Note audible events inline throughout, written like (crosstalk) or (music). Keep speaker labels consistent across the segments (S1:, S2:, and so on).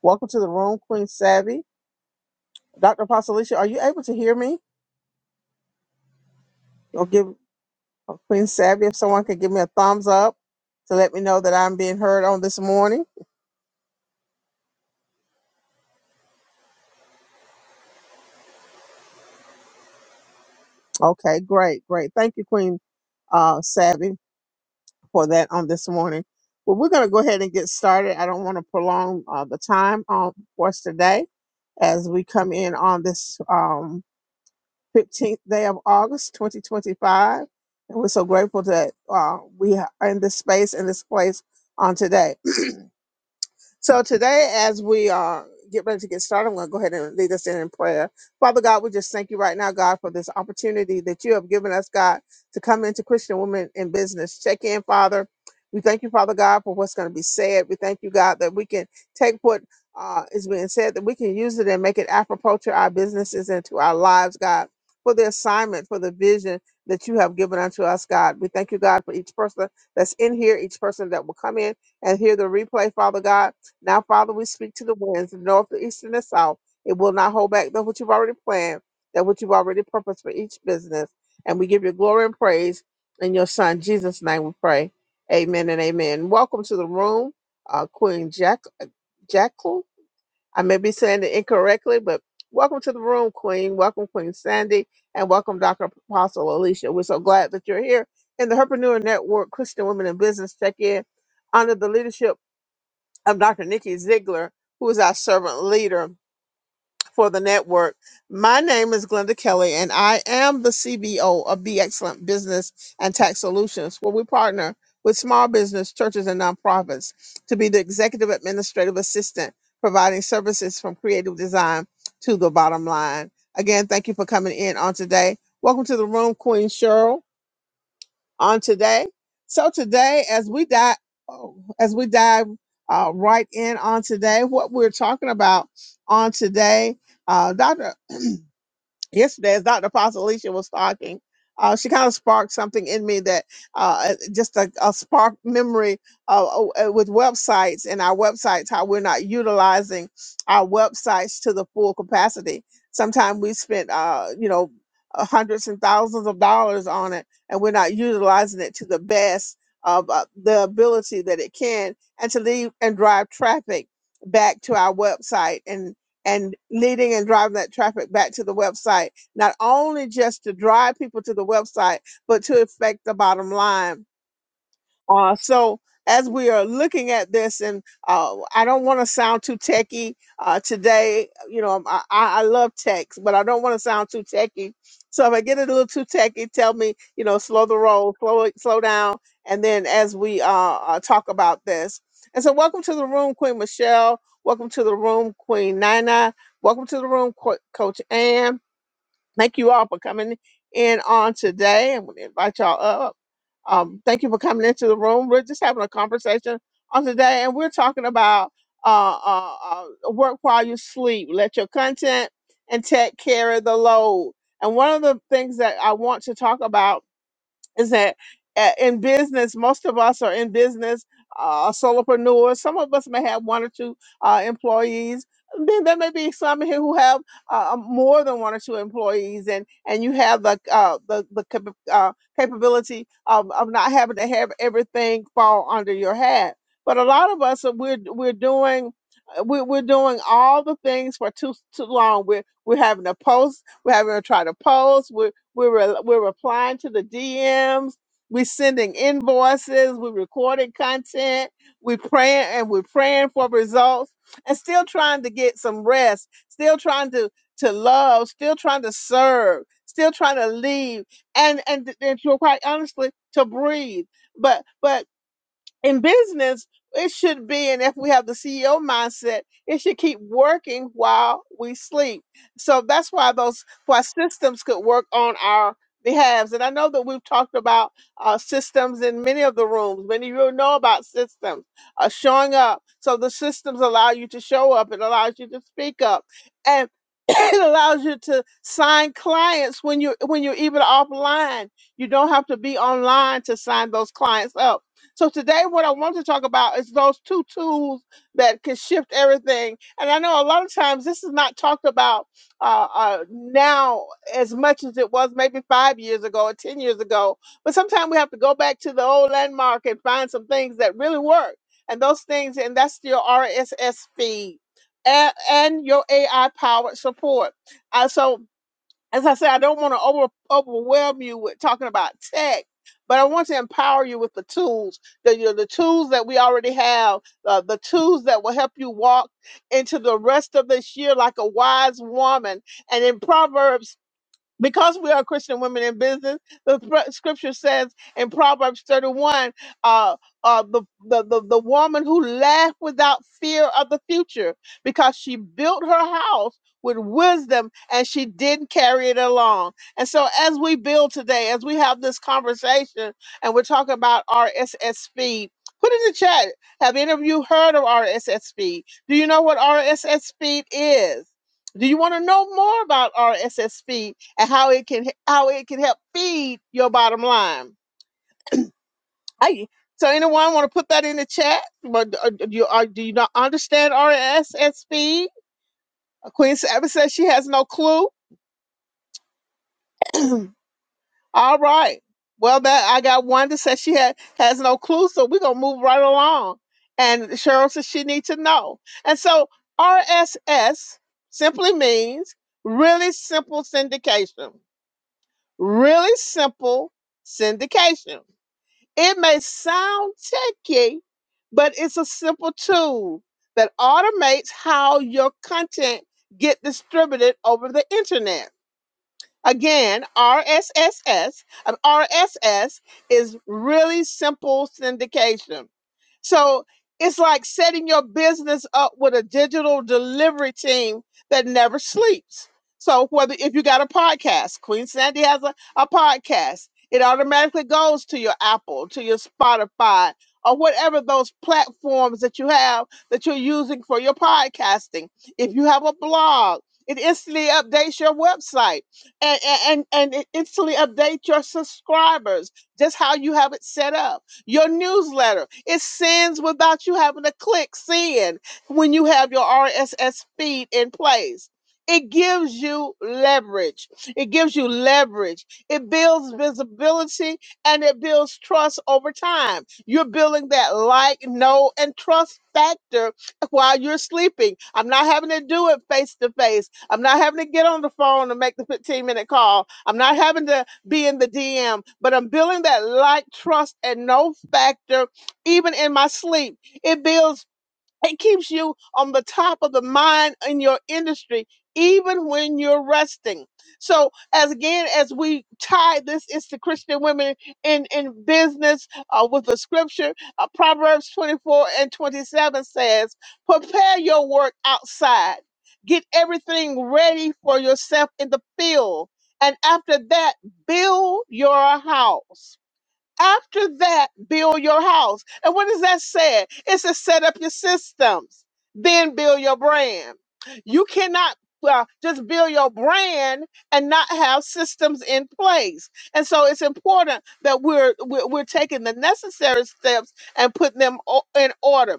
S1: Welcome to the room, Queen Savvy. Dr. Apostolicia, are you able to hear me? Or give or Queen Savvy if someone could give me a thumbs up to let me know that I'm being heard on this morning. Okay, great, great. Thank you, Queen uh, Savvy, for that on this morning. Well, we're going to go ahead and get started. I don't want to prolong uh, the time um, for us today as we come in on this. Um, 15th day of August 2025. And we're so grateful that uh, we are in this space, in this place on today. So today, as we uh, get ready to get started, I'm going to go ahead and lead us in in prayer. Father God, we just thank you right now, God, for this opportunity that you have given us, God, to come into Christian Women in Business. Check in, Father. We thank you, Father God, for what's going to be said. We thank you, God, that we can take what uh, is being said, that we can use it and make it apropos to our businesses and to our lives, God, for the assignment, for the vision that you have given unto us, God. We thank you, God, for each person that's in here, each person that will come in and hear the replay, Father God. Now, Father, we speak to the winds, the north, the east, and the south. It will not hold back that which you've already planned, that which you've already purposed for each business. And we give you glory and praise in your Son, Jesus' name we pray. Amen and amen. Welcome to the room, uh, Queen Jack Jackal. I may be saying it incorrectly, but welcome to the room, Queen. Welcome, Queen Sandy, and welcome, Dr. Apostle Alicia. We're so glad that you're here in the Herpreneur Network, Christian Women in Business Check In under the leadership of Dr. Nikki Ziegler, who is our servant leader for the network. My name is Glenda Kelly, and I am the CBO of Be Excellent Business and Tax Solutions, where we partner with small business, churches, and nonprofits to be the executive administrative assistant, providing services from creative design to the bottom line. Again, thank you for coming in on today. Welcome to the room, Queen Cheryl on today. So today, as we dive, oh, as we dive uh, right in on today, what we're talking about on today, uh, Doctor yesterday as Dr. Apostle Alicia was talking. Uh, she kind of sparked something in me that uh, uh, just a, a spark memory uh, uh, with websites and our websites, how we're not utilizing our websites to the full capacity. Sometimes we spent, uh, you know, uh, hundreds and thousands of dollars on it, and we're not utilizing it to the best of uh, the ability that it can, and to lead and drive traffic back to our website and and leading and driving that traffic back to the website, not only just to drive people to the website, but to affect the bottom line uh, so as we are looking at this, and uh, I don't want to sound too techy uh, today. You know, I, I I love techs, but I don't want to sound too techy. So if I get a little too techy, tell me, you know, slow the roll, slow it, slow down, and then as we uh, uh, talk about this. And so, welcome to the room, Queen Michelle. Welcome to the room, Queen Nina. Welcome to the room, Co- Coach Ann. Thank you all for coming in on today. I'm going to invite y'all up. Um, thank you for coming into the room. We're just having a conversation on today, and we're talking about uh, uh, uh, work while you sleep. Let your content and tech carry the load. And one of the things that I want to talk about is that a- in business, most of us are in business, uh, solopreneurs. Some of us may have one or two uh, employees. Then there may be some here who have uh, um, more than one or two employees, and and you have the uh, the the cap- uh, capability of, of not having to have everything fall under your hat. But a lot of us, uh, we're we're doing. uh, We're, we're doing all the things for too too long. We're we're having to post. We're having to try to post. We're re- we're replying to the DMs. We're sending invoices. We're recording content. We're praying and we're praying for results and still trying to get some rest. Still trying to to love. Still trying to serve. Still trying to leave and and and to quite honestly to breathe. But but in business, it should be, and if we have the CEO mindset, it should keep working while we sleep. So that's why those why systems could work on our behalves. And I know that we've talked about uh, systems in many of the rooms. Many of you know about systems uh, showing up. So the systems allow you to show up. It allows you to speak up, and (clears throat) it allows you to sign clients when you when you're even offline. You don't have to be online to sign those clients up so today, what I want to talk about is those two tools that can shift everything. And I know a lot of times this is not talked about uh, uh, now as much as it was maybe five years ago or ten years ago. But sometimes we have to go back to the old landmark and find some things that really work. And those things, and that's your RSS feed and, and your AI powered support. Uh, so as I said, I don't want to over, overwhelm you with talking about tech, but I want to empower you with the tools, the you know, the tools that we already have, uh, the tools that will help you walk into the rest of this year like a wise woman. And in Proverbs because we are Christian women in business, the pr- scripture says in Proverbs 31, uh, uh, the, the, the, the woman who laughed without fear of the future because she built her house with wisdom and she didn't carry it along. And so as we build today, as we have this conversation and we're talking about RSS feed, put in the chat, have any of you heard of RSS feed? Do you know what RSS feed is? Do you want to know more about RSS feed? and how it can how it can help feed your bottom line. I, so anyone want to put that in the chat? But uh, do you are, do you not understand RSS feed? Queen Sabbath says she has no clue. (clears throat) All right. Well, that I got one that says she had has no clue, so we're gonna move right along. And Cheryl says she needs to know. And so RSS simply means really simple syndication. Really simple syndication It may sound techy, but it's a simple tool that automates how your content get distributed over the internet. Again, RSSS, an RSS is really simple syndication. So it's like setting your business up with a digital delivery team that never sleeps. So whether if you got a podcast, Queen Sandy has a, a podcast, it automatically goes to your Apple, to your Spotify, or whatever those platforms that you have that you're using for your podcasting. If you have a blog, it instantly updates your website and, and, and and it instantly updates your subscribers, just how you have it set up your newsletter, it sends without you having to click send when you have your RSS feed in place. It gives you leverage. It gives you leverage. It builds visibility and it builds trust over time. You're building that like, know, and trust factor while you're sleeping. I'm not having to do it face to face. I'm not having to get on the phone and make the 15 minute call. I'm not having to be in the DM, but I'm building that like, trust, and no factor, even in my sleep. It builds. It keeps you on the top of the mind in your industry, even when you're resting. So, as again, as we tie this into Christian women in in business uh, with the scripture, uh, Proverbs 24 and 27 says, "Prepare your work outside. Get everything ready for yourself in the field, and after that, build your house." After that, build your house. And what does that say? It's to set up your systems, then build your brand. You cannot uh, just build your brand and not have systems in place. And so it's important that we're we're, we're taking the necessary steps and putting them o- in order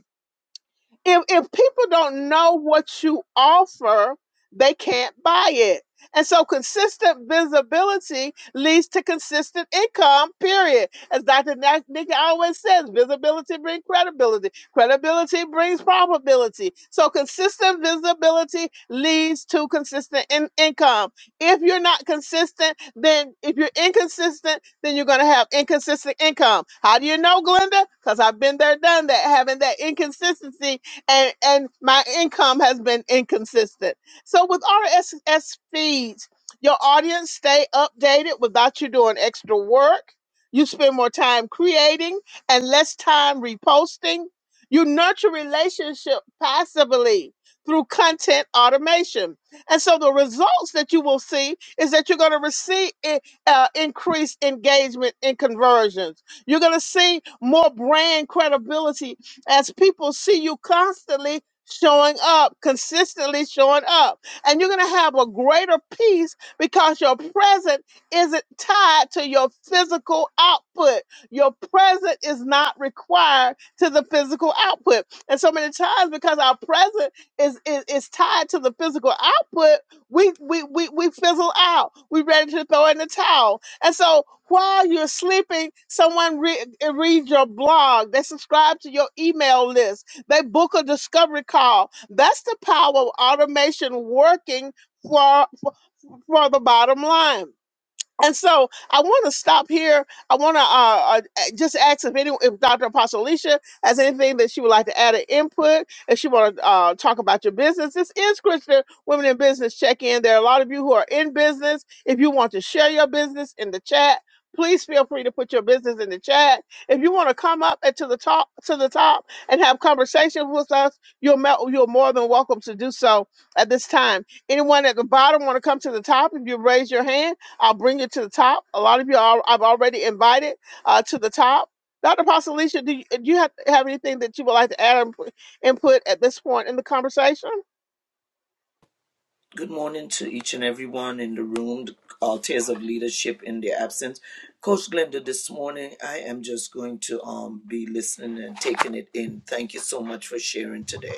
S1: if if people don't know what you offer, they can't buy it. And so consistent visibility leads to consistent income, period. As Dr. Na- Nikki always says, visibility brings credibility. Credibility brings probability. So consistent visibility leads to consistent in- income. If you're not consistent, then if you're inconsistent, then you're going to have inconsistent income. How do you know, Glenda? Because I've been there, done that, having that inconsistency and and my income has been inconsistent. So with RSS feeds, your audience stay updated without you doing extra work. You spend more time creating and less time reposting. You nurture relationship passively through content automation. And so the results that you will see is that you're going to receive eh, uh, increased engagement and conversions. You're going to see more brand credibility as people see you constantly showing up, consistently showing up. And you're going to have a greater peace because your present isn't tied to your physical output. Your present is not required to the physical output. And so many times because our present is is, is tied to the physical output, we, we we we fizzle out. We are ready to throw in the towel. And so while you're sleeping, someone re- eh, reads your blog. They subscribe to your email list. They book a discovery call. That's the power of automation working for, for, for the bottom line. And so I want to stop here. I want to uh, uh, just ask if any, if Dr. Apostle Alicia has anything that she would like to add an input, if she want to uh, talk about your business. This is Christian Women in Business Check In. There are a lot of you who are in business. If you want to share your business in the chat, please feel free to put your business in the chat. If you want to come up and to the top to the top and have conversation with us, you're mel- you're more than welcome to do so at this time. Anyone at the bottom want to come to the top? If you raise your hand. I'll bring it to the top. A lot of you are, I've already invited uh, to the top. Dr. Pastor Alicia, do you, do you have, have anything that you would like to add and put- input at this point in the conversation?
S2: Good morning to each and everyone in the room, the altars of leadership in their absence. Coach Glenda, this morning I am just going to um, be listening and taking it in. Thank you so much for sharing today.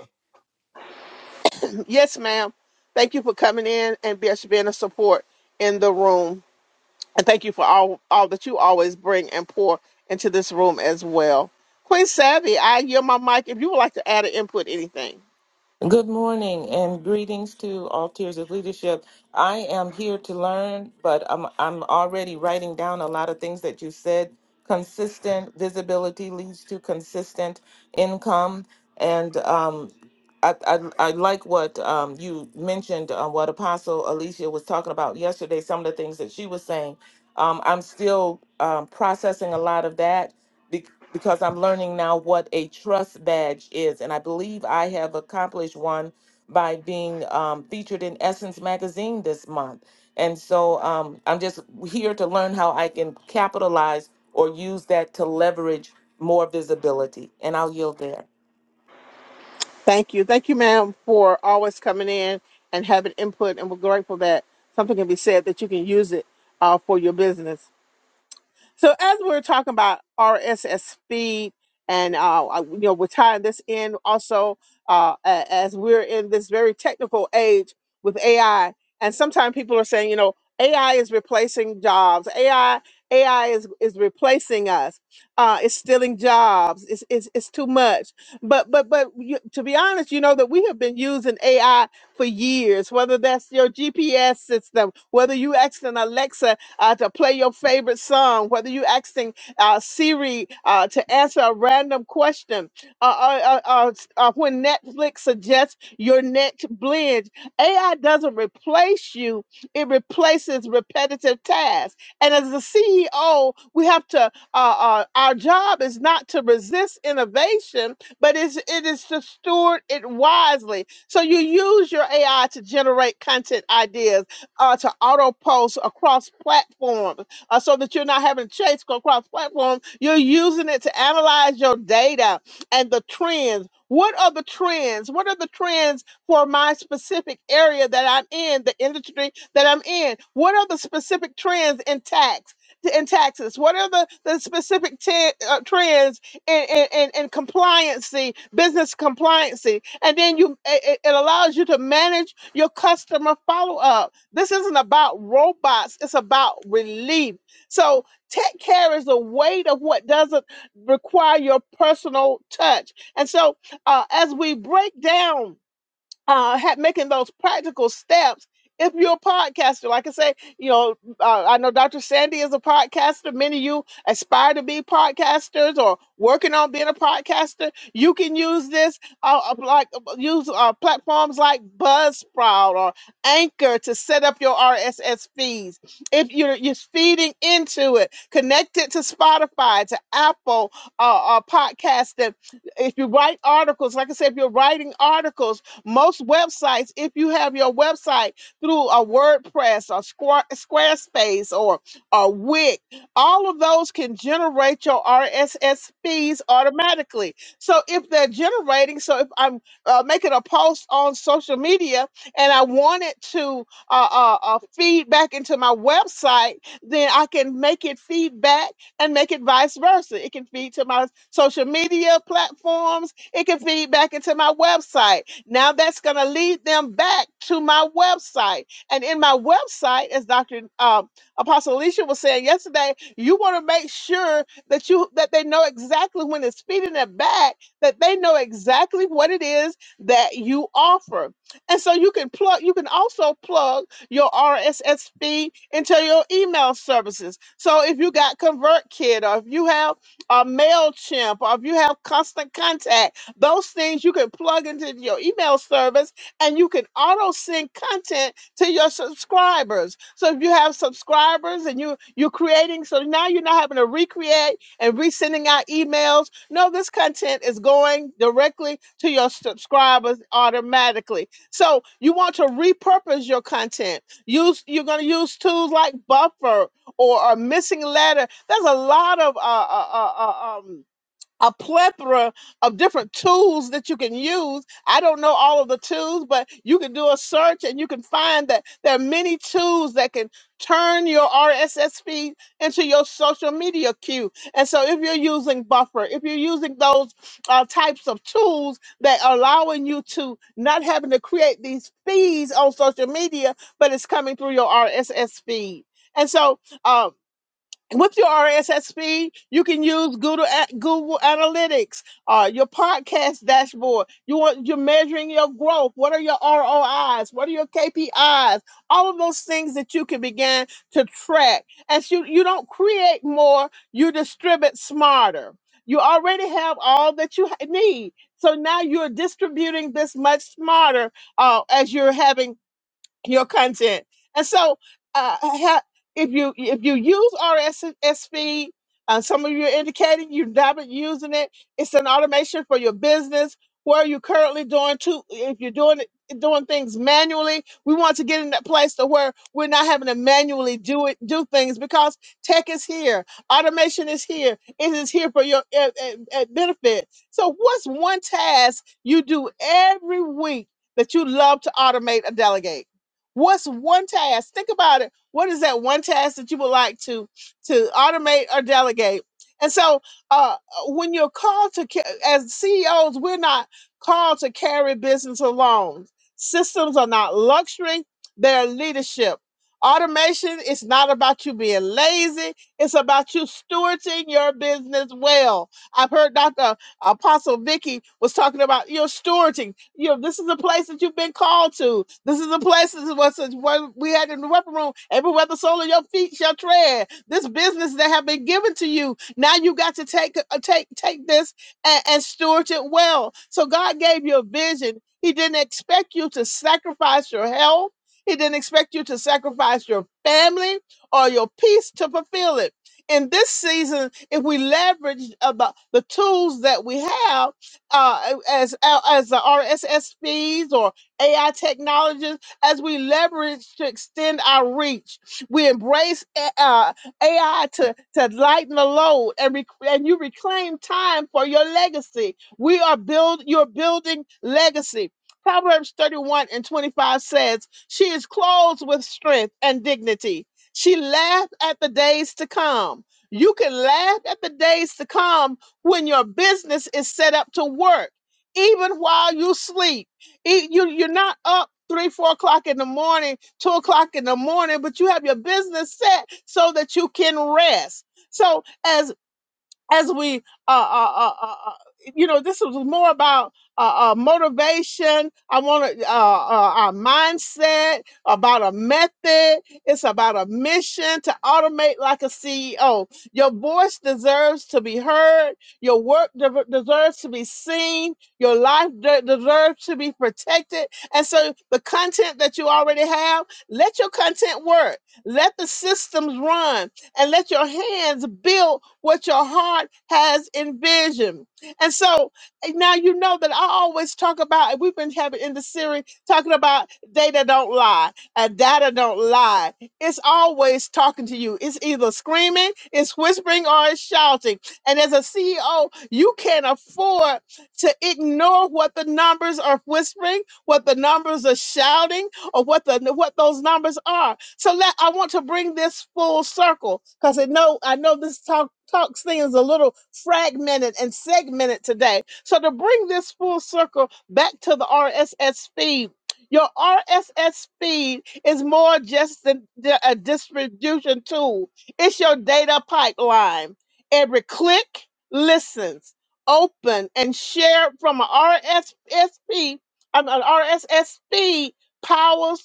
S1: Yes, ma'am. Thank you for coming in and be- being a support in the room. And thank you for all, all that you always bring and pour into this room as well. Queen Savvy, I yield my mic if you would like to add an input, anything.
S3: Good morning and greetings to all tiers of leadership. I am here to learn, but I'm I'm already writing down a lot of things that you said. Consistent visibility leads to consistent income, and um, I, I, I like what um, you mentioned, uh, what Apostle Alicia was talking about yesterday, some of the things that she was saying. Um, I'm still um, processing a lot of that be- because I'm learning now what a trust badge is. And I believe I have accomplished one by being um, featured in Essence Magazine this month. And so um, I'm just here to learn how I can capitalize or use that to leverage more visibility. And I'll yield there.
S1: Thank you. Thank you, ma'am, for always coming in and having input. And we're grateful that something can be said that you can use it uh, for your business. So as we're talking about RSS feed and uh, uh, you know, we're tying this in also uh, a- as we're in this very technical age with AI, and sometimes people are saying, you know, AI is replacing jobs. AI, AI is is replacing us. Uh, it's stealing jobs. It's it's, it's too much. But but but you, to be honest, you know that we have been using AI for years. Whether that's your GPS system, whether you ask an Alexa uh, to play your favorite song, whether you're asking uh, Siri uh, to answer a random question, uh, uh, uh, uh, uh, when Netflix suggests your next binge, AI doesn't replace you, it replaces repetitive tasks. And as the CEO, we have to, uh, uh, our job is not to resist innovation, but it's, it is to steward it wisely. So you use your AI to generate content ideas uh, to auto post across platforms uh, so that you're not having to chase across platforms. You're using it to analyze your data and the trends. What are the trends? What are the trends for my specific area that I'm in, the industry that I'm in? What are the specific trends in tax? In taxes, what are the, the specific te- uh, trends in, in, in, in compliancy, business compliancy? And then you it, it it allows you to manage your customer follow up this isn't about robots, it's about relief. So, tech carries the weight of what doesn't require your personal touch. And so, uh, as we break down uh, ha making those practical steps if you're a podcaster. Like I say, you know, uh, I know Dr. Sandy is a podcaster. Many of you aspire to be podcasters or working on being a podcaster. You can use this, uh, uh, like uh, use uh, platforms like Buzzsprout or Anchor to set up your RSS feeds. If you're, you're feeding into it, connect it to Spotify, to Apple uh, uh, Podcast. If you write articles, like I said, if you're writing articles, most websites, if you have your website through a WordPress or Square, Squarespace or, or Wix, all of those can generate your RSS feeds automatically. So if they're generating, so if I'm uh, making a post on social media and I want it to uh, uh, uh, feed back into my website, then I can make it feed back and make it vice versa. It can feed to my social media platforms. It can feed back into my website now that's going to lead them back to my website. And in my website, as Dr. Um, Apostle Alicia was saying yesterday, you want to make sure that you that they know exactly when it's feeding it back, that they know exactly what it is that you offer. And so you can plug, you can also plug your RSS feed into your email services. So if you got ConvertKit or if you have uh, MailChimp or if you have Constant Contact, those things you can plug into your email service and you can auto sync content to your subscribers. So if you have subscribers and you you're creating, so now you're not having to recreate and resending out emails. No, this content is going directly to your subscribers automatically. So you want to repurpose your content. Use you're going to use tools like Buffer or a missing letter. There's a lot of uh, uh, uh, uh, um, a plethora of different tools that you can use. I don't know all of the tools, but you can do a search and you can find that there are many tools that can turn your RSS feed into your social media queue. And so if you're using Buffer, if you're using those uh, types of tools that are allowing you to not having to create these feeds on social media, but it's coming through your RSS feed. And so, um with your RSS feed, you can use Google A- Google Analytics, uh, your podcast dashboard. You want you're measuring your growth. What are your ROIs? What are your KPIs? All of those things that you can begin to track. And you you don't create more, you distribute smarter. You already have all that you ha- need. So now you're distributing this much smarter uh, as you're having your content. And so, uh, ha- if you if you use RSS feed, uh, some of you are indicating you've not been using it. It's an automation for your business. Where are you currently doing to if you're doing it doing things manually, we want to get in that place to where we're not having to manually do it do things because tech is here, automation is here, it is here for your uh, uh, uh, benefit. So, what's one task you do every week that you love to automate or delegate? What's one task? Think about it. What is that one task that you would like to to automate or delegate? And so, uh, when you're called to, ca- as CEOs, we're not called to carry business alone. Systems are not luxury; they're leadership. Automation is not about you being lazy; it's about you stewarding your business well. I've heard Dr. Apostle Vicky was talking about your stewarding. You know, this is a place that you've been called to. This is a place that was what we had in the weapon room. Everywhere the sole of your feet shall tread. This business that have been given to you. Now you got to take uh, take take this and, and steward it well. So God gave you a vision. He didn't expect you to sacrifice your health. He didn't expect you to sacrifice your family or your peace to fulfill it in this season, if we leverage about the tools that we have, uh, as uh, as the RSS feeds or AI technologies, as we leverage to extend our reach, we embrace eh, uh, AI to to lighten the load and rec- and you reclaim time for your legacy. We are build you're building legacy. Proverbs 31 and 25 says, She is clothed with strength and dignity she laughed at the days to come. You can laugh at the days to come when your business is set up to work, even while you sleep. E- You, you're not up three, four o'clock in the morning, two o'clock in the morning, but you have your business set so that you can rest. So, as as we, uh, uh, uh, uh, uh, you know, this was more about uh, uh, motivation. I want to, uh, uh, our mindset, about a method. It's about a mission to automate like a CEO. Your voice deserves to be heard. Your work de- deserves to be seen. Your life de- deserves to be protected. And so the content that you already have, let your content work. Let the systems run and let your hands build what your heart has envisioned. And so eh, now you know that I always talk about, and we've been having in the series talking about data don't lie and data don't lie. It's always talking to you. It's either screaming, it's whispering, or it's shouting. And as a CEO, you can't afford to ignore what the numbers are whispering, what the numbers are shouting, or what the what those numbers are so let I want to bring this full circle because I know I know this talk talk thing is a little fragmented and segmented today. So to bring this full circle back to the RSS feed. Your RSS feed is more just than than a distribution tool. It's your data pipeline. Every click listens, open, and share from an RSS feed. An an RSS feed powers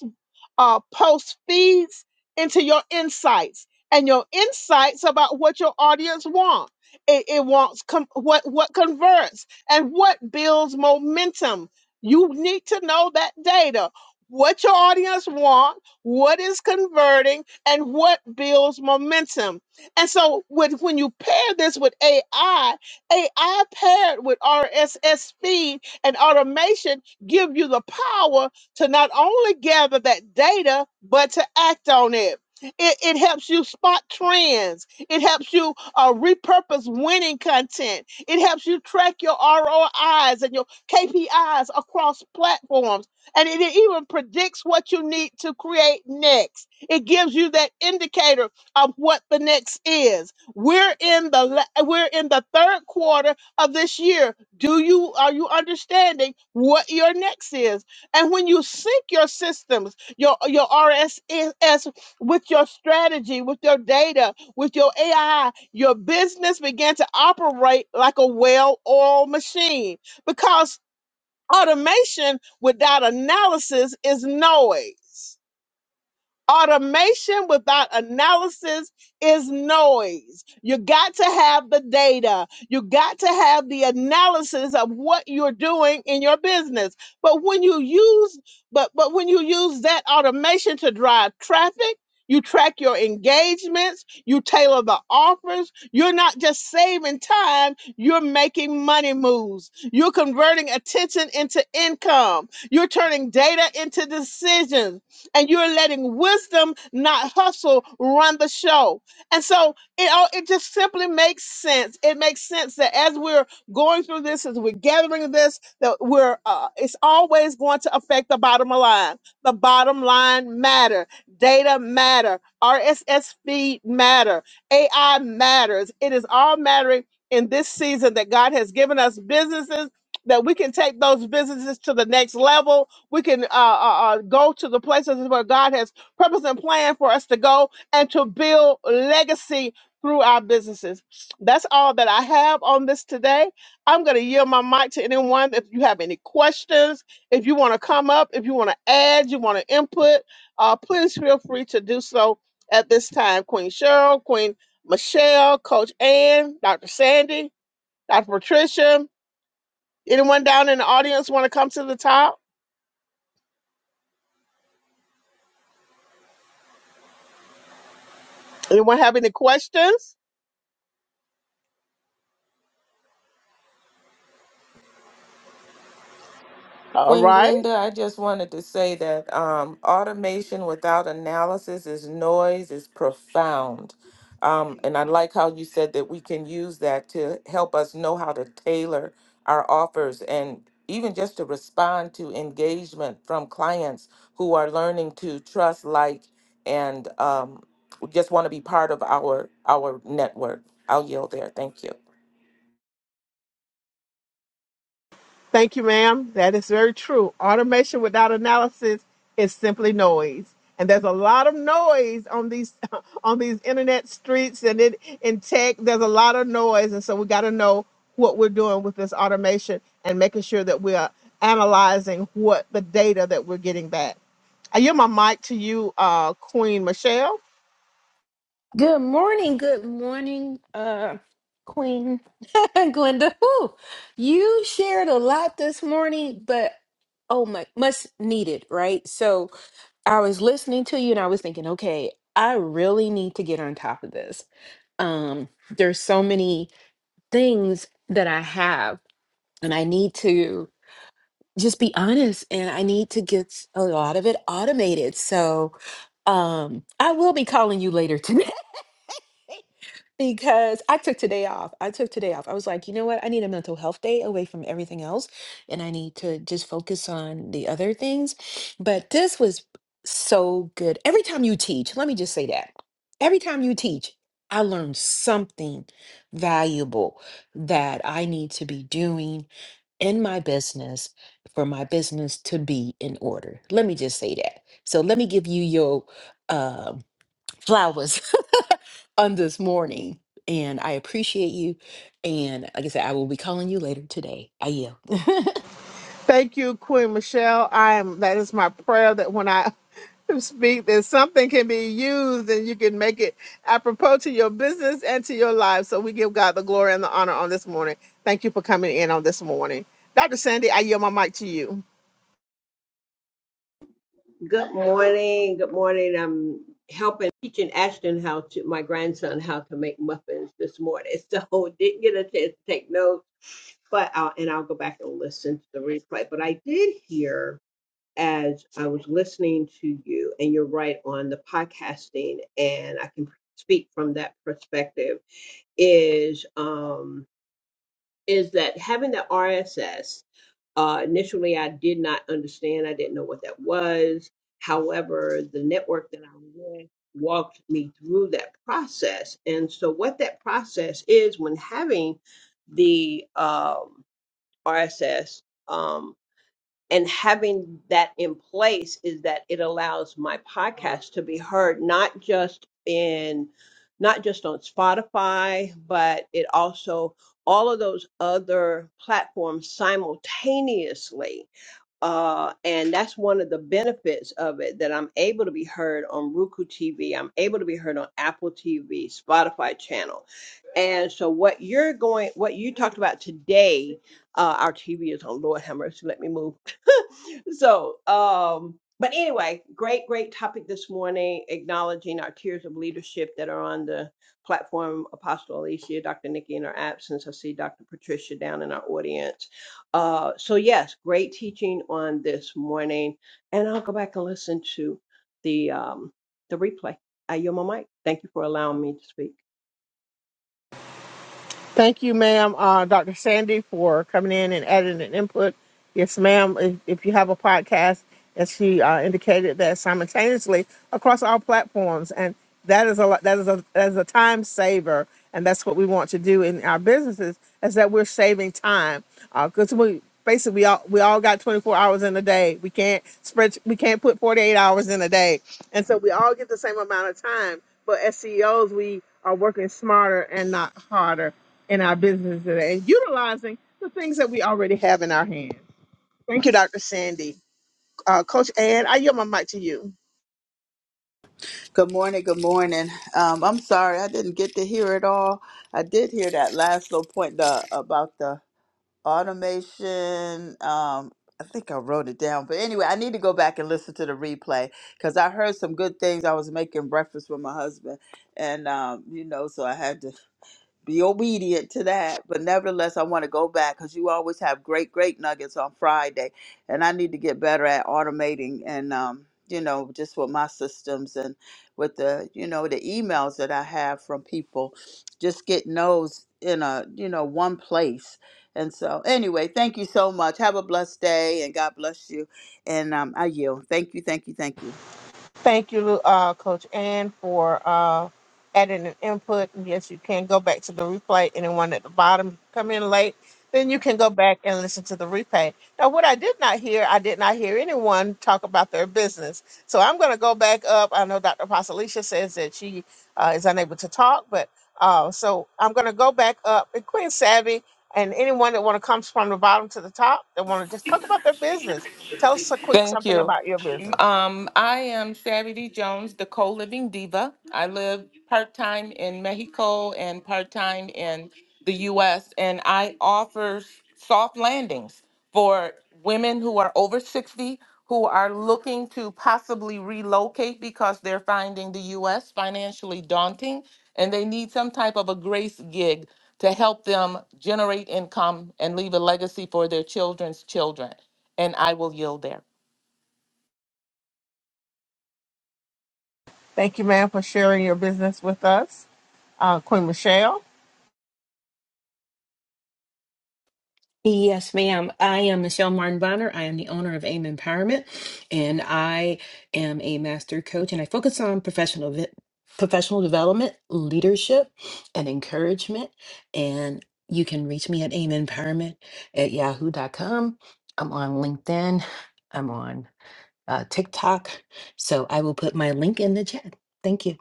S1: uh, post feeds into your insights and your insights about what your audience wants. It, it wants com- what what converts and what builds momentum. You need to know that data. What your audience want, what is converting, and what builds momentum. And so, with, when you pair this with AI, AI paired with RSS feed and automation give you the power to not only gather that data, but to act on it. It, it helps you spot trends. It helps you uh, repurpose winning content. It helps you track your ROIs and your KPIs across platforms. And it even predicts what you need to create next. It gives you that indicator of what the next is. We're in the la- we're in the third quarter of this year. Do you are you understanding what your next is? And when you sync your systems, your, your RSS with your strategy, with your data, with your AI, your business began to operate like a well oiled machine because automation without analysis is noise. Automation without analysis is noise. You got to have the data. You got to have the analysis of what you're doing in your business. But when you use but but when you use that automation to drive traffic, you track your engagements, you tailor the offers. You're not just saving time, you're making money moves. You're converting attention into income. You're turning data into decisions and you're letting wisdom, not hustle, run the show. And so it all it just simply makes sense. It makes sense that as we're going through this, as we're gathering this, that we're uh, it's always going to affect the bottom line. The bottom line matter. Data matter. RSS feed matter. AI matters. It is all mattering in this season that God has given us businesses that we can take those businesses to the next level we can uh, uh, uh, go to the places where God has purpose and plan for us to go and to build legacy through our businesses. That's all that I have on this today. I'm going to yield my mic to anyone. If you have any questions, if you want to come up, if you want to add, you want to input, uh, please feel free to do so at this time. Queen Cheryl, Queen Michelle, Coach Ann, Dr. Sandy, Dr. Patricia, anyone down in the audience want to come to the top? Anyone have any questions? All
S3: Queen
S1: right.
S3: Glinda, I just wanted to say that um, automation without analysis is noise, is profound. Um, and I like how you said that we can use that to help us know how to tailor our offers and even just to respond to engagement from clients who are learning to trust, like, and um, just want to be part of our our network. I'll yield there. Thank you.
S1: Thank you, ma'am. That is very true. Automation without analysis is simply noise. And there's a lot of noise on these (laughs) on these internet streets and it in tech. There's a lot of noise. And so we gotta know what we're doing with this automation and making sure that we are analyzing what the data that we're getting back. I yield my mic to you, uh, Queen Michelle.
S4: Good morning, good morning, uh, Queen (laughs) Glenda. Whew. You shared a lot this morning, but oh my, much needed, right? So I was listening to you and I was thinking, okay, I really need to get on top of this. Um, there's so many things that I have, and I need to just be honest and I need to get a lot of it automated. So um, I will be calling you later today. (laughs) because I took today off. I took today off. I was like, you know what? I need a mental health day away from everything else, and I need to just focus on the other things. But this was so good. Every time you teach, let me just say that. Every time you teach, I learn something valuable that I need to be doing in my business for my business to be in order. Let me just say that. So let me give you your uh, flowers (laughs) on this morning. And I appreciate you. And like I said, I will be calling you later today. I yield. (laughs)
S1: Thank you, Queen Michelle. I am that is my prayer that when I (laughs) speak that something can be used and you can make it apropos to your business and to your life. So we give God the glory and the honor on this morning. Thank you for coming in on this morning. Dr. Sandy, I yield my mic to you.
S5: Good morning. Good morning. I'm helping teaching Ashton how to my grandson how to make muffins this morning. So (laughs) didn't get a chance to take notes, but I'll and I'll go back and listen to the replay. But I did hear as I was listening to you, and you're right on the podcasting, and I can speak from that perspective. Is um is that having the RSS, uh, initially I did not understand, I didn't know what that was. However, the network that I'm with walked me through that process. And so, what that process is when having the um, RSS and having that in place is that it allows my podcast to be heard not just in not just on Spotify, but it also all of those other platforms simultaneously. Uh, and that's one of the benefits of it that I'm able to be heard on Roku TV. I'm able to be heard on Apple TV, Spotify channel. And so what you're going, what you talked about today, uh, our TV is on Lord have mercy. Let me move. (laughs) (laughs) so, um, but anyway, great, great topic this morning, acknowledging our tiers of leadership that are on the platform. Apostle Alicia, Dr. Nikki in her absence. I see Dr. Patricia down in our audience. Uh, so, yes, great teaching on this morning. And I'll go back and listen to the, um, the replay. I yield my mic. Thank you for allowing me to speak.
S1: Thank you, ma'am, uh, Dr. Sandy, for coming in and adding an input. Yes, ma'am. If, if you have a podcast, as she uh, indicated, that simultaneously across all platforms, and that is a lot- that is a that is a time saver, and that's what we want to do in our businesses is that we're saving time because we basically we all we all got 24 hours in a day. We can't spread we can't put 48 hours in a day, and so we all get the same amount of time. But as CEOs, we are working smarter and not harder in our business today, utilizing the things that we already have in our hands. Thank you, Dr. Sandy. Uh, Coach Ann, I yield my mic to you.
S6: Good morning. Good morning. Um, I'm sorry I didn't get to hear it all. I did hear that last little point the, about the automation. Um, I think I wrote it down, but anyway, I need to go back and listen to the replay because I heard some good things. I was making breakfast with my husband, and um, you know, so I had to be obedient to that. But nevertheless, I want to go back because you always have great, great nuggets on Friday, and I need to get better at automating and um, you know just with my systems and with the you know the emails that I have from people, just getting those in a you know one place. And so, anyway, thank you so much. Have a blessed day, and God bless you. And um, I yield. Thank you, thank you, thank you.
S1: Thank you, uh, Coach Ann, for uh, adding an input. Yes, you can go back to the replay. Anyone at the bottom come in late, then you can go back and listen to the replay. Now, what I did not hear, I did not hear anyone talk about their business. So I'm going to go back up. I know Dr. Pasalicia says that she uh, is unable to talk, but uh, so I'm going to go back up. And Queen Savvy and anyone that want to come from the bottom to the top that want to just talk about their business, tell us a quick
S3: Thank
S1: something
S3: you.
S1: about your business.
S3: Um, I am Savvy D. Jones, the co-living diva. I live part-time in Mexico and part-time in the U.S. And I offer s- soft landings for women who are over 60 who are looking to possibly relocate because they're finding the U.S. financially daunting and they need some type of a grace gig to help them generate income and leave a legacy for their children's children. And I will yield there.
S1: Thank you, ma'am, for sharing your business with us. Uh, Queen Michelle,
S4: Yes, ma'am. I am Michelle Martin Bonner. I am the owner of AIM Empowerment, and I am a master coach, and I focus on professional vi- professional development, leadership, and encouragement. And you can reach me at AIM Empowerment at yahoo dot com. I'm on LinkedIn. I'm on uh, TikTok. So I will put my link in the chat. Thank you.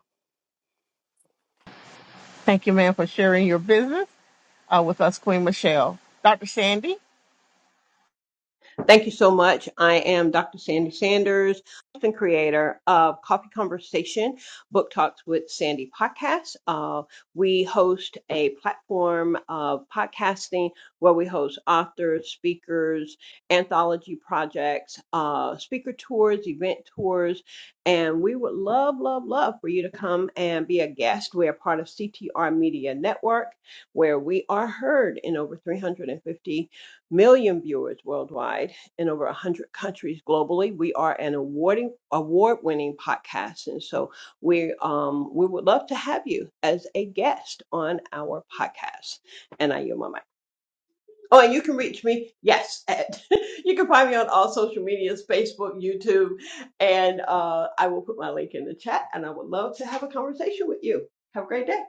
S1: thank you, ma'am, for sharing your business uh, with us, Queen Michelle. Dr. Sandy
S5: Thank you so much. I am Dr. Sandy Sanders, host and creator of Coffee Conversation Book Talks with Sandy podcast. Uh, we host a platform of podcasting where we host authors, speakers, anthology projects, uh, speaker tours, event tours, and we would love, love, love for you to come and be a guest. We are part of CTR Media Network, where we are heard in over 350 million viewers worldwide in over 100 countries globally. We are an awarding award-winning podcast and so we um we would love to have you as a guest on our podcast. And I yield my mic. Oh, and you can reach me, yes, at, (laughs) you can find me on all social medias, Facebook, YouTube, and uh, I will put my link in the chat and I would love to have a conversation with you. Have a great day.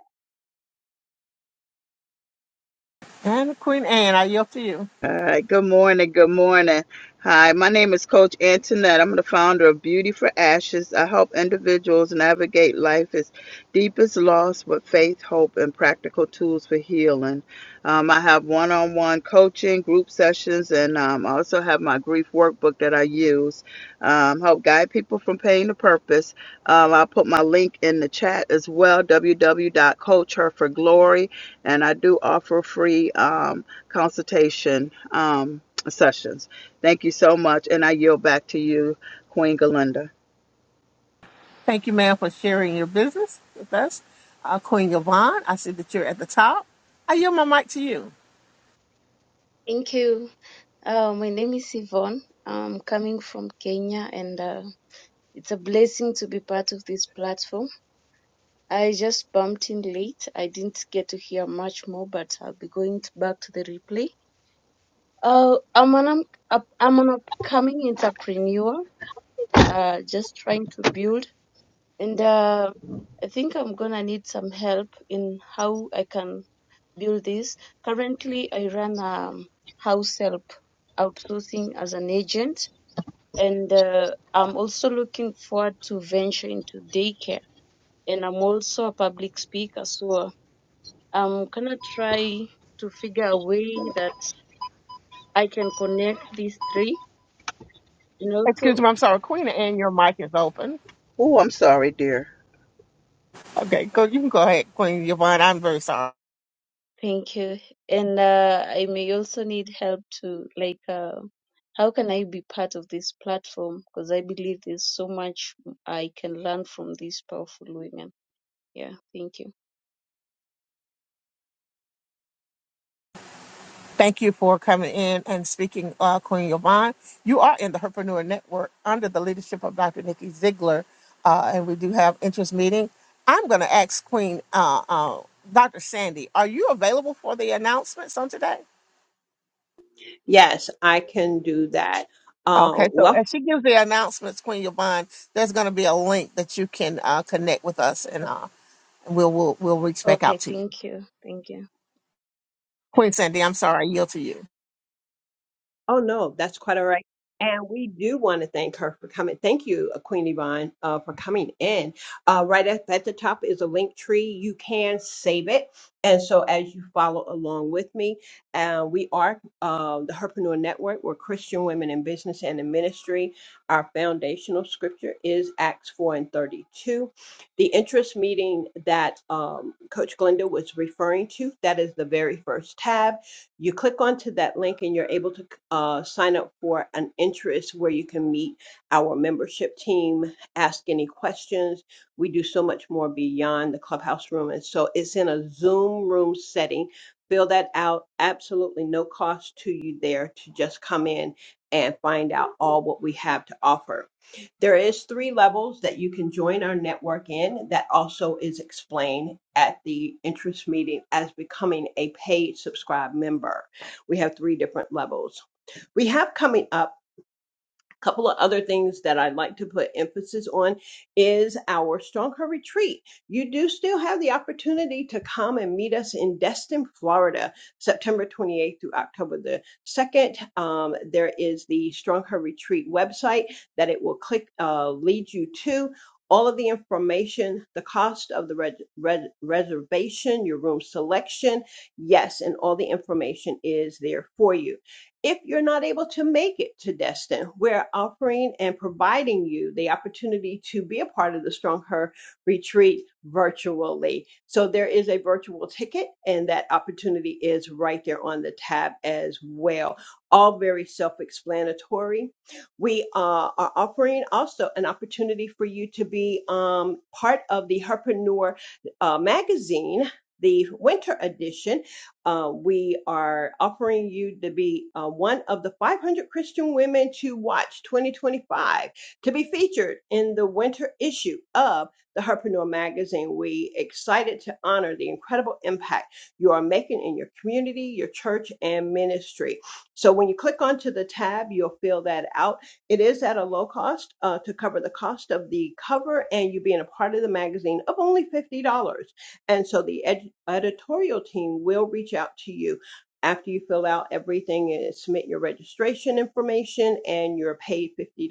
S1: and Queen Anne, I yield to you.
S6: All right, good morning. Good morning. Hi, my name is Coach Antoinette. I'm the founder of Beauty for Ashes. I help individuals navigate life's deepest loss with faith, hope, and practical tools for healing. Um, I have one on one coaching, group sessions, and um, I also have my grief workbook that I use. Um, help guide people from pain to purpose. Um, I'll put my link in the chat as well www.coachherforglory. And I do offer free. Um, consultation um, sessions. Thank you so much, and I yield back to you, Queen Galinda.
S1: Thank you, ma'am, for sharing your business with us. Uh, Queen Yvonne, I see that you're at the top. I yield my mic to you.
S7: Thank you. Uh, my name is Yvonne. I'm coming from Kenya, and uh, it's a blessing to be part of this platform. I just bumped in late. I didn't get to hear much more, but I'll be going to back to the replay. Uh, I'm an up, I'm an upcoming entrepreneur. Uh, just trying to build. and uh, I think I'm gonna need some help in how I can build this. Currently, I run um, house help outsourcing as an agent, and uh, I'm also looking forward to venture into daycare. And I'm also a public speaker, so I'm gonna try to figure a way that I can connect these three. And also
S1: Excuse me, I'm sorry. Queen Anne, your mic is open.
S6: Oh, I'm sorry, dear.
S1: Okay, go. You can go ahead, Queen Yvonne. I'm very sorry.
S7: Thank you. And uh, I may also need help to like uh, how can I be part of this platform? Because I believe there's so much I can learn from these powerful women. Yeah, thank you.
S1: Thank you for coming in and speaking, uh, Queen Yvonne. You are in the Herpreneur Network under the leadership of Dr. Nikki Ziegler, uh, and we do have interest meeting. I'm going to ask Queen uh, uh, Dr. Sandy, are you available for the announcements on today?
S5: Yes, I can do that. Uh,
S1: Okay, so
S5: welcome.
S1: as she gives the announcements, Queen Yvonne, there's going to be a link that you can uh, connect with us, and uh, we'll, we'll we'll reach back
S7: Okay,
S1: out to you.
S7: thank you. Thank you.
S1: Queen Sandy, I'm sorry, I yield to you.
S5: Oh, no, that's quite all right. And we do want to thank her for coming. Thank you, uh, Queen Yvonne, uh, for coming in. Uh, right up at the top is a link tree. You can save it. And so as you follow along with me, uh, we are uh, the Herpreneur Network. We're Christian women in business and in ministry. Our foundational scripture is Acts 4 and 32. The interest meeting that um, Coach Glenda was referring to, that is the very first tab you click onto that link and you're able to uh, sign up for an interest where you can meet our membership team, ask any questions. We do so much more beyond the clubhouse room. And so it's in a Zoom room setting. Fill that out. Absolutely no cost to you there to just come in and find out all what we have to offer. There is three levels that you can join our network in that also is explained at the interest meeting as becoming a paid subscribe member. We have three different levels we have coming up a couple of other things that I'd like to put emphasis on is our Strong Her Retreat. You do still have the opportunity to come and meet us in Destin, Florida, September 28th through October the 2nd. Um, there is the Strong Her Retreat website that it will click uh, lead you to. All of the information, the cost of the res- res- reservation, your room selection, yes, and all the information is there for you. If you're not able to make it to Destin, we're offering and providing you the opportunity to be a part of the Strong Her retreat virtually. So there is a virtual ticket, and that opportunity is right there on the tab as well. All very self explanatory. We uh, are offering also an opportunity for you to be um, part of the Herpreneur uh, magazine. The winter edition, uh, we are offering you to be uh, one of the 500 Christian women to watch 2025 to be featured in the winter issue of the Herpreneur magazine. We excited to honor the incredible impact you are making in your community, your church, and ministry. So when you click onto the tab, you'll fill that out. It is at a low cost uh, to cover the cost of the cover, and you being a part of the magazine of only $50. And so the ed- editorial team will reach out to you after you fill out everything and submit your registration information and you're paid $50,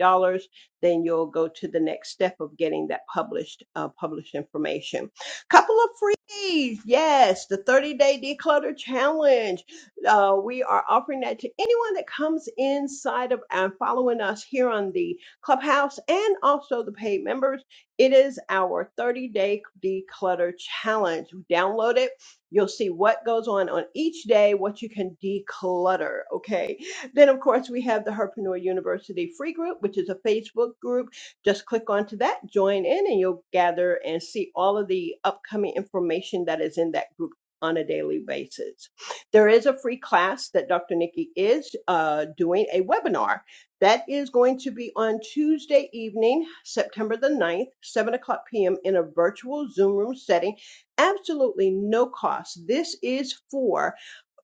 S5: then you'll go to the next step of getting that published, uh, published information. Couple of freebies. Yes, the 30 day declutter challenge. Uh, we are offering that to anyone that comes inside of and following us here on the clubhouse and also the paid members it is our 30 day declutter challenge. Download it. You'll see what goes on on each day, what you can declutter. Okay. Then, of course, we have the Herpreneur University free group, which is a Facebook group. Just click onto that, join in, and you'll gather and see all of the upcoming information that is in that group on a daily basis. There is a free class that Dr. Nikki is uh, doing a webinar that is going to be on Tuesday evening, September the ninth, 7 o'clock p.m., in a virtual Zoom room setting. Absolutely no cost. This is for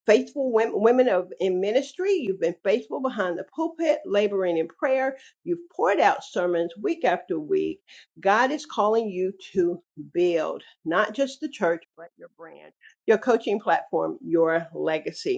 S5: faithful women, women of in ministry. You've been faithful behind the pulpit, laboring in prayer. You've poured out sermons week after week. God is calling you to build not just the church, but your brand, your coaching platform, your legacy.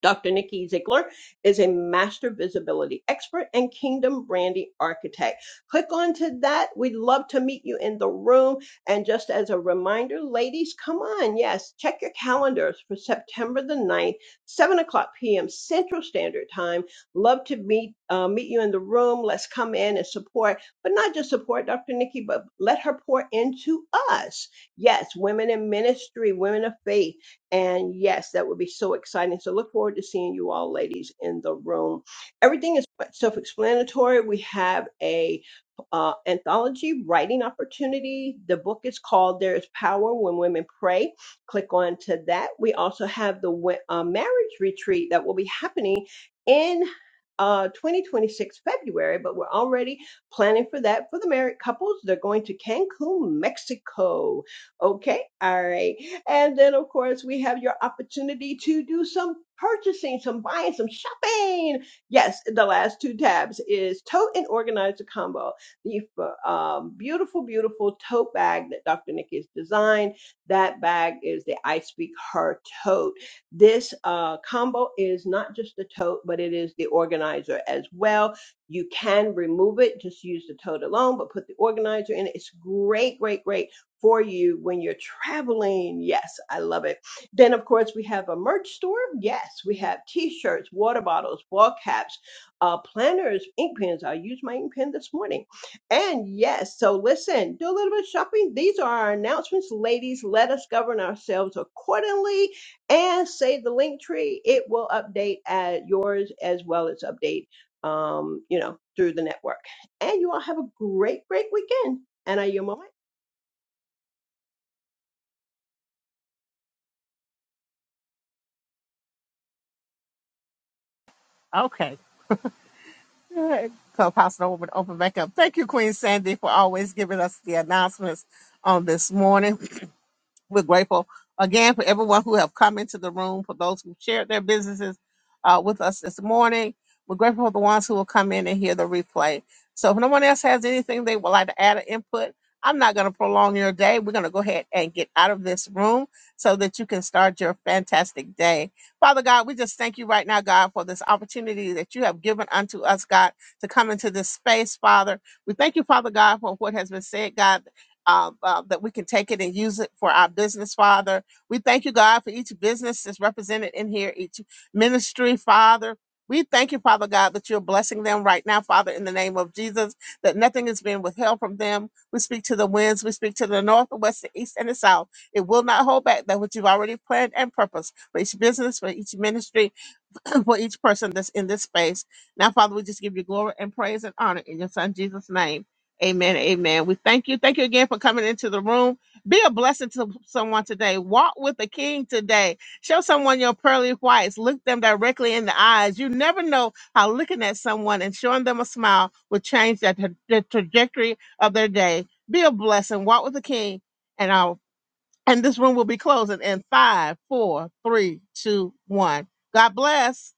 S5: Dr. Nikki Ziegler is a master visibility expert and kingdom branding architect. Click onto that. We'd love to meet you in the room. And just as a reminder, ladies, come on. Yes, check your calendars for September the ninth, 7 o'clock p.m. Central Standard Time. Love to meet, uh, meet you in the room. Let's come in and support, but not just support Dr. Nikki, but let her pour into us. Yes, women in ministry, women of faith and yes, that would be so exciting. So look forward to seeing you all ladies in the room. Everything is quite self-explanatory. We have a uh, anthology writing opportunity. The book is called There is Power When Women Pray. Click on to that. We also have the we- uh, marriage retreat that will be happening in uh 2026 February, but we're already planning for that for the married couples. They're going to Cancun, Mexico. Okay, all right. And then, of course, we have your opportunity to do some purchasing, some buying, some shopping. Yes, the last two tabs is tote and organizer combo. The um, beautiful, beautiful tote bag that Dr. Nikki has designed. That bag is the I Speak Her tote. This uh, combo is not just the tote, but it is the organizer as well. You can remove it, just use the tote alone, but put the organizer in it. It's great, great, great for you when you're traveling. Yes, I love it. Then, of course, we have a merch store. Yes, we have t shirts, water bottles, ball caps, uh, planners, ink pens. I used my ink pen this morning. And yes, so listen, do a little bit of shopping. These are our announcements. Ladies, let us govern ourselves accordingly and save the link tree. It will update at yours as well as update. Um, you know, through the network. And you all have a great, great weekend. And I yield my mic.
S1: Okay. Good. Clubhouse room would open back up. Thank you, Queen Sandy, for always giving us the announcements on this morning. We're grateful again for everyone who have come into the room, for those who shared their businesses uh, with us this morning. We're grateful for the ones who will come in and hear the replay. So if no one else has anything they would like to add or input, I'm not going to prolong your day. We're going to go ahead and get out of this room so that you can start your fantastic day. Father God, we just thank you right now, God, for this opportunity that you have given unto us, God, to come into this space, Father. We thank you, Father God, for what has been said, God uh, uh, that we can take it and use it for our business, Father. We thank you, God, for each business that's represented in here, each ministry, Father. We thank you, Father God, that you're blessing them right now, Father, in the name of Jesus, that nothing is being withheld from them. We speak to the winds, we speak to the north, the west, the east, and the south. It will not hold back that which you've already planned and purposed for each business, for each ministry, (laughs) (clears throat) for each person that's in this space. Now, Father, we just give you glory and praise and honor in your Son Jesus' name. Amen. Amen. We thank you. Thank you again for coming into the room. Be a blessing to someone today. Walk with the King today. Show someone your pearly whites. Look them directly in the eyes. You never know how looking at someone and showing them a smile will change that the the trajectory of their day. Be a blessing. Walk with the King, and I'll. And this room will be closing in five, four, three, two, one. God bless.